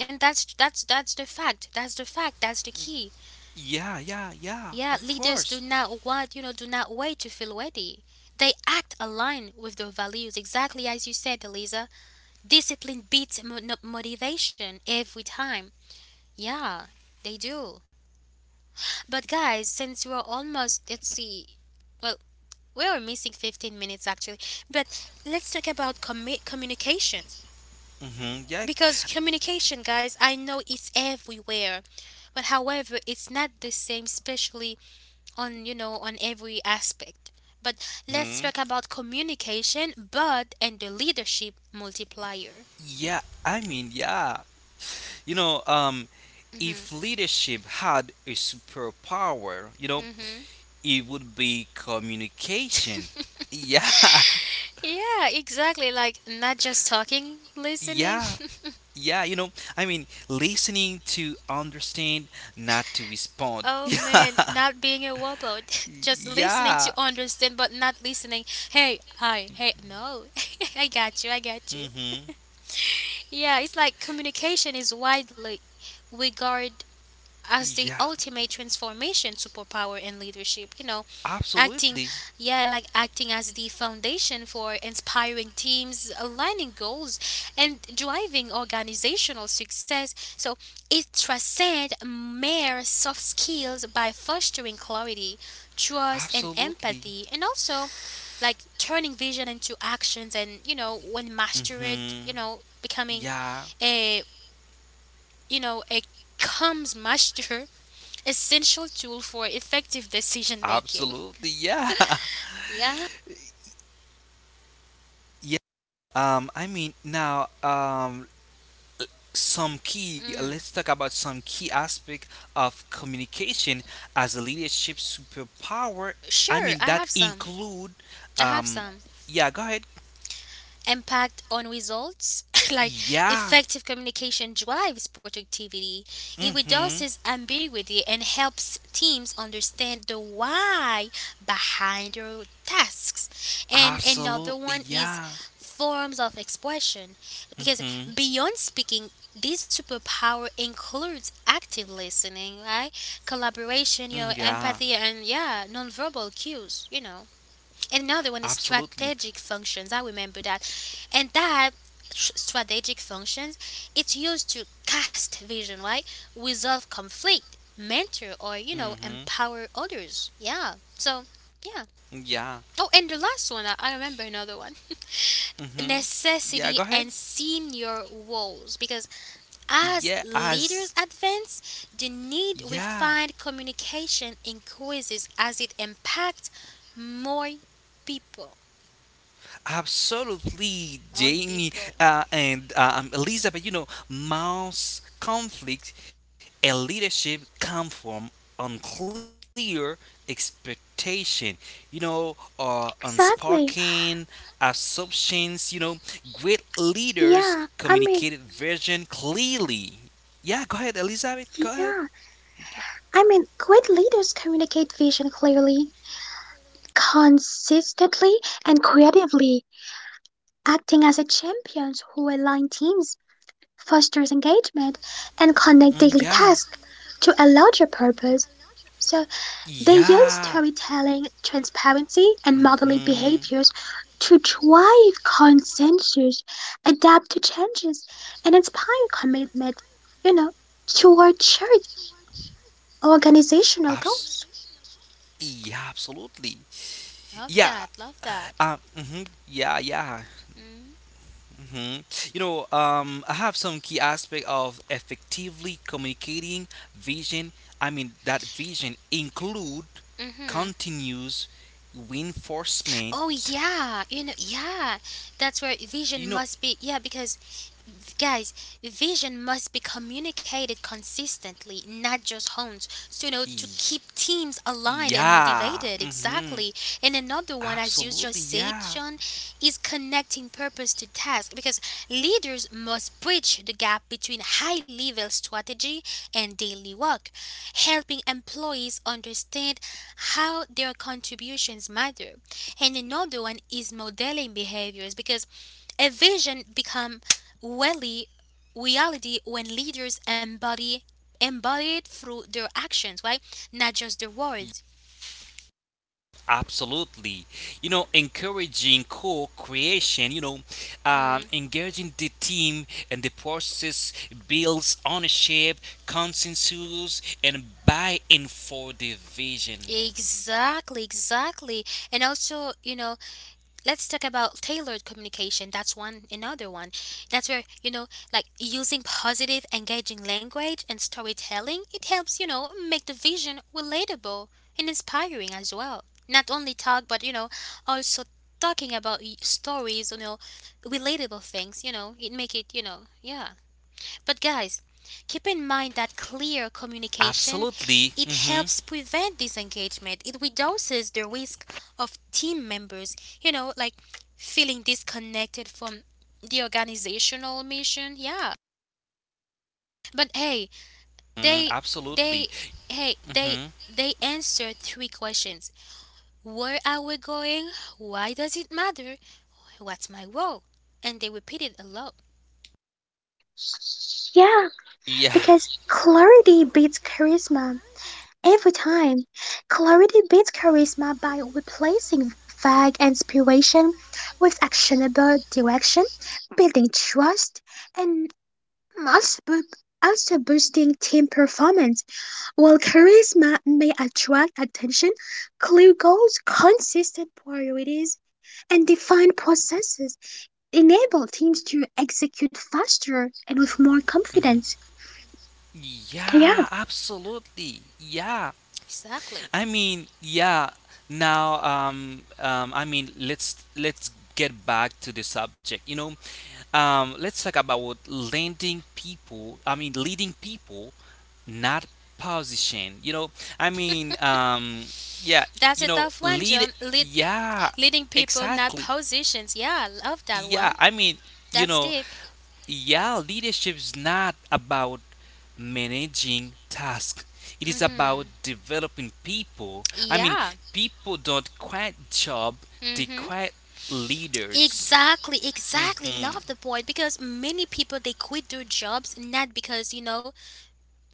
And that's that's the fact, that's the fact, that's the key. Yeah, yeah, yeah, Yeah, of leaders do course. not want, you know, do not wait to feel ready, they act aligned with their values exactly as you said, Eliza. Discipline beats motivation every time. Yeah, they do. But guys, since we're almost, let's see, well, we are missing 15 minutes actually. But let's talk about communication. Mm-hmm, yeah, Because communication, guys, I know it's everywhere. But however, it's not the same, especially on you know on every aspect but let's hmm talk about communication but and the leadership multiplier. yeah, I mean, yeah. You know, um, Mm-hmm. if leadership had a superpower, Hmm. it would be communication. Yeah, Yeah, exactly. Like, not just talking, *laughs* listening. yeah, *laughs* yeah, I mean, listening to understand, not to respond. Oh *laughs* man, not being a wobbler, *laughs* just listening to Yeah, understand, but not listening. Hey, hi, hey, no. *laughs* I got you, I got you. mm-hmm, Yeah, it's like communication is widely regarded as the yeah, ultimate transformation superpower in leadership, you know, acting absolutely, yeah, like acting as the foundation for inspiring teams, aligning goals and driving organizational success. So it transcends mere soft skills by fostering clarity, trust and absolutely, empathy, and also like turning vision into actions. And you know when mastered, mm-hmm, you know, becoming yeah. a, you know, a comes master, essential tool for effective decision making. Absolutely, yeah, Yeah. *laughs* yeah. I mean, now, some key. Mm. Let's talk about some key aspect of communication as a leadership superpower. I Sure, mean, I that have some. include, I have um, some. yeah. Go ahead. Impact on results *laughs* like Yeah. effective communication drives productivity, it Mm-hmm. reduces ambiguity and helps teams understand the why behind their tasks. And another Absolutely, one is yeah. forms of expression, because Mm-hmm. beyond speaking this superpower includes active listening, right, Mm, collaboration, yeah. your empathy and yeah nonverbal cues, you know. And another one is Absolutely. strategic functions. I remember that. And that strategic functions, it's used to cast vision, right? Resolve conflict, mentor, or, you know, Mm-hmm. empower others. Yeah. So, yeah. Yeah. Oh, and the last one, I remember another one, Mm-hmm. Yeah. Go ahead. necessity and senior roles, because Yeah. as As. leaders advance the need we Yeah. find communication increases as it impacts more people. Absolutely, All Jamie, people. And Elizabeth. Mouse conflict and leadership come from unclear expectation. Or Exactly. unspoken assumptions. Great leaders Yeah, I mean, communicated vision clearly. Yeah, go ahead, Elizabeth. Go yeah, ahead. Great leaders communicate vision clearly, consistently, and creatively, acting as a champions who align teams, fosters engagement, and connect daily Mm, yeah. tasks to a larger purpose. So they use Yeah. storytelling, transparency, and modeling Mhm. behaviors to drive consensus, adapt to changes, and inspire commitment, you know, toward shared organizational Abs- goals. yeah, absolutely. Love Yeah. that. Love that. Mhm, yeah. Yeah. hmm You know. I have some key aspect of effectively communicating vision. I mean that vision include Mm-hmm. continuous Oh reinforcement. yeah, you know, yeah. That's where vision You know. must be. Yeah, because guys, vision must be communicated consistently, not just honed. So you know, to keep teams aligned Yeah. and motivated, exactly. And another one, Absolutely. as you Yeah. just said, John, is connecting purpose to task, because leaders must bridge the gap between high-level strategy and daily work, helping employees understand how their contributions matter. And another one is modeling behaviors, because a vision become really reality when leaders embody it through their actions, right, not just their words. Absolutely. Encouraging co-creation, Mhm. engaging the team and the process builds ownership, consensus, and buy-in for the vision. Exactly, exactly. And also, you know, let's talk about tailored communication. That's one another one. That's where, you know, like using positive, engaging language and storytelling, it helps, you know, make the vision relatable and inspiring as well. Not only talk, but, you know, also talking about stories, you know, relatable things, you know, it make it, you know, yeah. But guys, keep in mind that clear communication, Absolutely. it Hmm. helps prevent disengagement. It reduces the risk of team members, you know, like feeling disconnected from the organizational mission. Yeah. But hey, they Mm, they absolutely. they hmm they answered three questions. Where are we going? Why does it matter? What's my role? And they repeated a lot. Yeah, because Yeah. clarity beats charisma every time. Clarity beats charisma by replacing vague inspiration with actionable direction, building trust, and also, bo- also boosting team performance. While charisma may attract attention, clear goals, consistent priorities, and defined processes It enabled teams to execute faster and with more confidence. Mm. Yeah. Yeah, absolutely. Yeah. Exactly. I mean, yeah. Now, I mean, let's get back to the subject. Let's talk about leading people. I mean, leading people, not position. I mean, yeah. That's a tough one, Lead. John. Lead. Yeah, Leading people, not exactly. positions. Yeah, I love that Yeah, one. I mean, you That's know, deep. yeah, leadership is not about managing tasks. It is about Mm-hmm. developing people. I mean, Yeah. people don't quit job; they Mm-hmm. quit leaders. Exactly, exactly. Hmm. Love the point, because many people they quit their jobs not because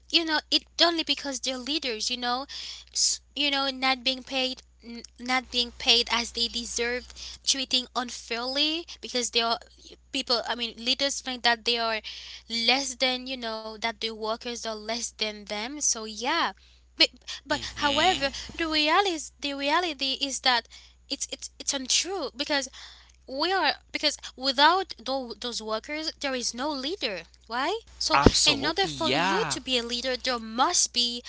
you know it only because they're leaders, you know. You know, not being paid, not being paid as they deserved, treating unfairly because they are people. I mean leaders think that they are less than, you know, that the workers are less than them, so yeah. but, but however Hmm. the reality, the reality is that it's it's untrue, because we are, because without those workers there is no leader, right? So in Absolutely, order for you yeah. to be a leader there must be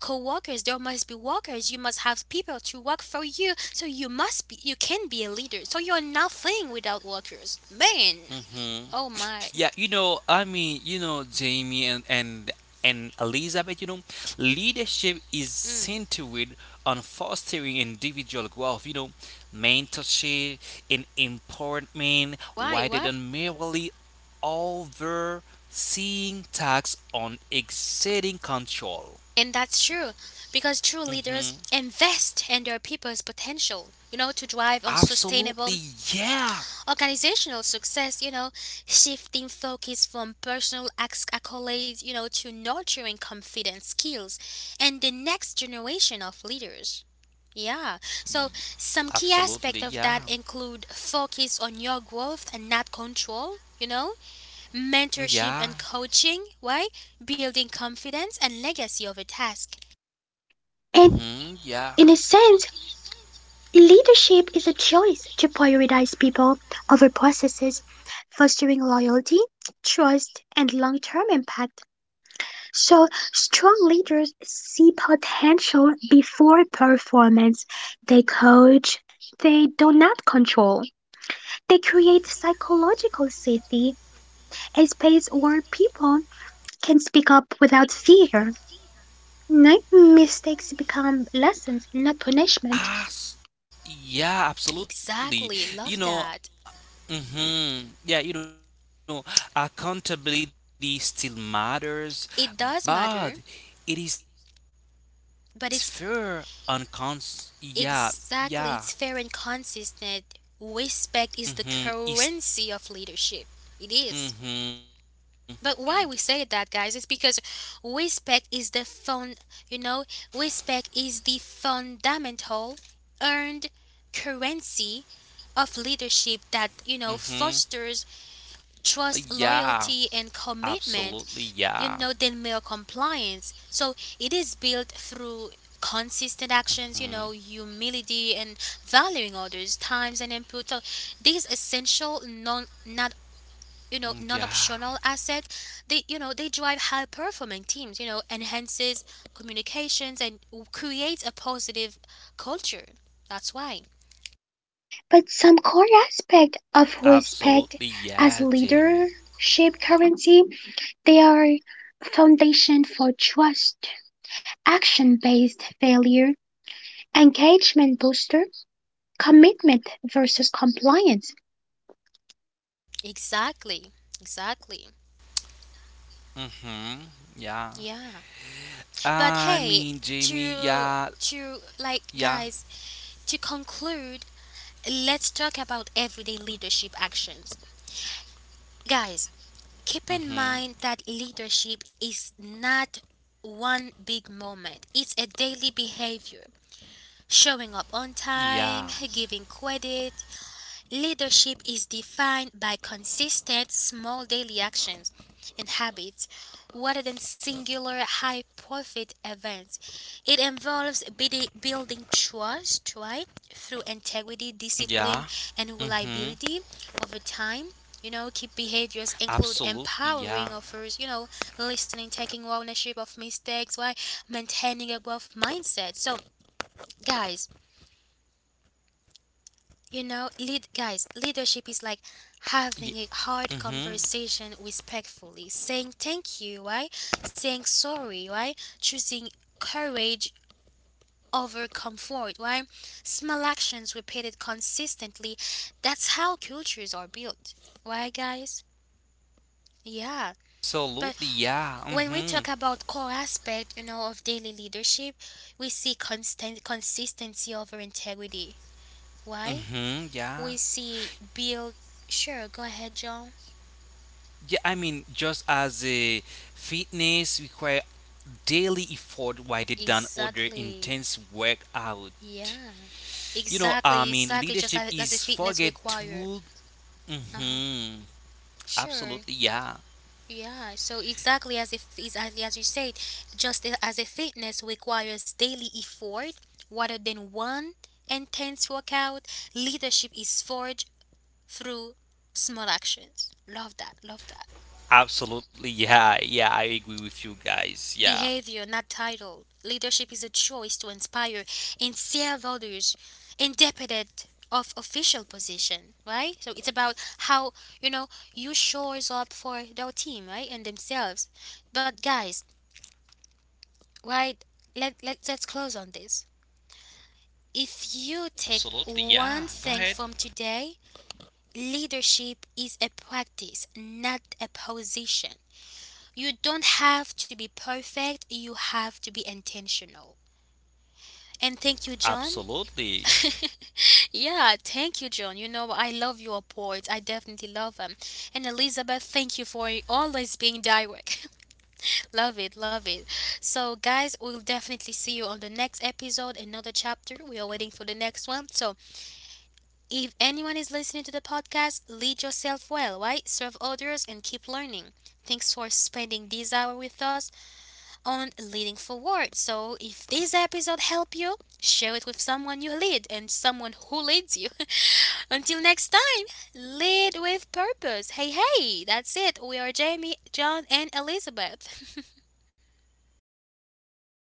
co-workers, there must be workers, you must have people to work for you so you must be you can be a leader, so you're nothing without workers, man. Hmm. Oh my. Yeah, I mean, Jamie and Elizabeth, leadership is Mm. centered on fostering individual growth, mentorship and empowerment Why rather why. than merely overseeing tasks on exceeding control. And that's true, because true hmm leaders invest in their people's potential, you know, to drive on sustainable Absolutely, yeah. organizational success, you know, shifting focus from personal accolades, you know, to nurturing confidence skills and the next generation of leaders. Yeah. So some key Absolutely, aspect of yeah. that include focus on your growth and not control, you know, mentorship Yeah. and coaching. Why? Building confidence and legacy of a task. And Hmm. Yeah. in a sense, leadership is a choice to prioritize people over processes, fostering loyalty, trust, and long term impact. So, strong leaders see potential before performance. They coach, they do not control. They create psychological safety, a space where people can speak up without fear. Night mistakes become lessons, not punishment. Yeah, absolutely. You Exactly. know, Love that. Yeah, accountability still matters, but it is It does fair matter, and cons. Yeah, yeah, but it's is, exactly, it's fair and consistent. Respect hmm is the currency of leadership. It is. yeah, But hmm why we say that, guys, is because respect is the fund, you know, respect is the fundamental earned hmm currency of leadership that, yeah, you know, fosters absolutely, yeah, trust, loyalty, and commitment, you know, than mere compliance. So it is built mm through consistent actions, you know, humility and valuing others times and input. So these essential non yeah, not, you know, non-optional asset, they you know they drive high performing teams, you know, enhances communications and creates a positive culture, that's why. absolutely, But some yeah, core Jamie. aspect of respect as leadership currency, they are foundation for trust, action-based failure, engagement booster, commitment versus compliance. Exactly, exactly, hmm yeah. yeah. I mean, Jamie, But hey, yeah, to yeah. to like guys, to conclude, let's talk about everyday leadership actions. Guys, hmm keep in mind that leadership is not one big moment. It's a daily behavior. Showing up on Yeah. time, giving credit. Leadership is defined by consistent small daily actions and habits rather than singular high profit events. It involves building trust, right, through integrity, Yeah. discipline, and Mhm. reliability over time. You know, key behaviors include Absolutely. Yeah. empowering others, you know, listening, taking ownership of mistakes, right, maintaining a growth mindset. So, guys, you know, Ye- leadership is like Mhm. having a hard conversation respectfully, saying thank you, right? Saying sorry, right? Choosing courage over comfort, right? Small actions repeated consistently. That's how cultures are built. Why, guys? Yeah. Absolutely. But Yeah. when we Mhm. talk about core aspect, you know, of daily leadership, we see constant consistency over integrity. Why? Mhm. Yeah. We see build. Sure, go ahead, John. Yeah. I mean, just as a fitness require daily effort, while they done other Exactly. intense workout. Yeah. Exactly. I mean, Exactly. Just leadership as the is fitness forget require. to. Uh huh. Mhm. Sure. Absolutely. Yeah. Yeah. So exactly as if is as you said, as a fitness requires daily effort rather than one intense workout, leadership is forged through small actions. Love that. Love that. Absolutely. Yeah. Yeah. I agree with you guys. Yeah. Behavior, not title. Leadership is a choice to inspire and serve others independent of official position, right? So it's about how, you know, you shows up for their team, right? And themselves. But guys, right, let's close on this. If you take Absolutely. Yeah. one Go thing ahead. from today, leadership is a practice, not a position. You don't have to be perfect, you have to be intentional. And thank you, John. Absolutely. *laughs* Yeah, thank you, John. You know, I love your poets. I definitely love them. And Elizabeth, thank you for always being direct. *laughs* Love it, love it. So, guys, we'll definitely see you on the next episode, another chapter. We are waiting for the next one. So, if anyone is listening to the podcast, lead yourself well, right? Serve others and keep learning. Thanks for spending this hour with us on Leading Forward. So if this episode helped you, share it with someone you lead and someone who leads you. *laughs* Until next time, lead with purpose. Hey, hey, that's it. We are Jamie, John, and Elizabeth. *laughs*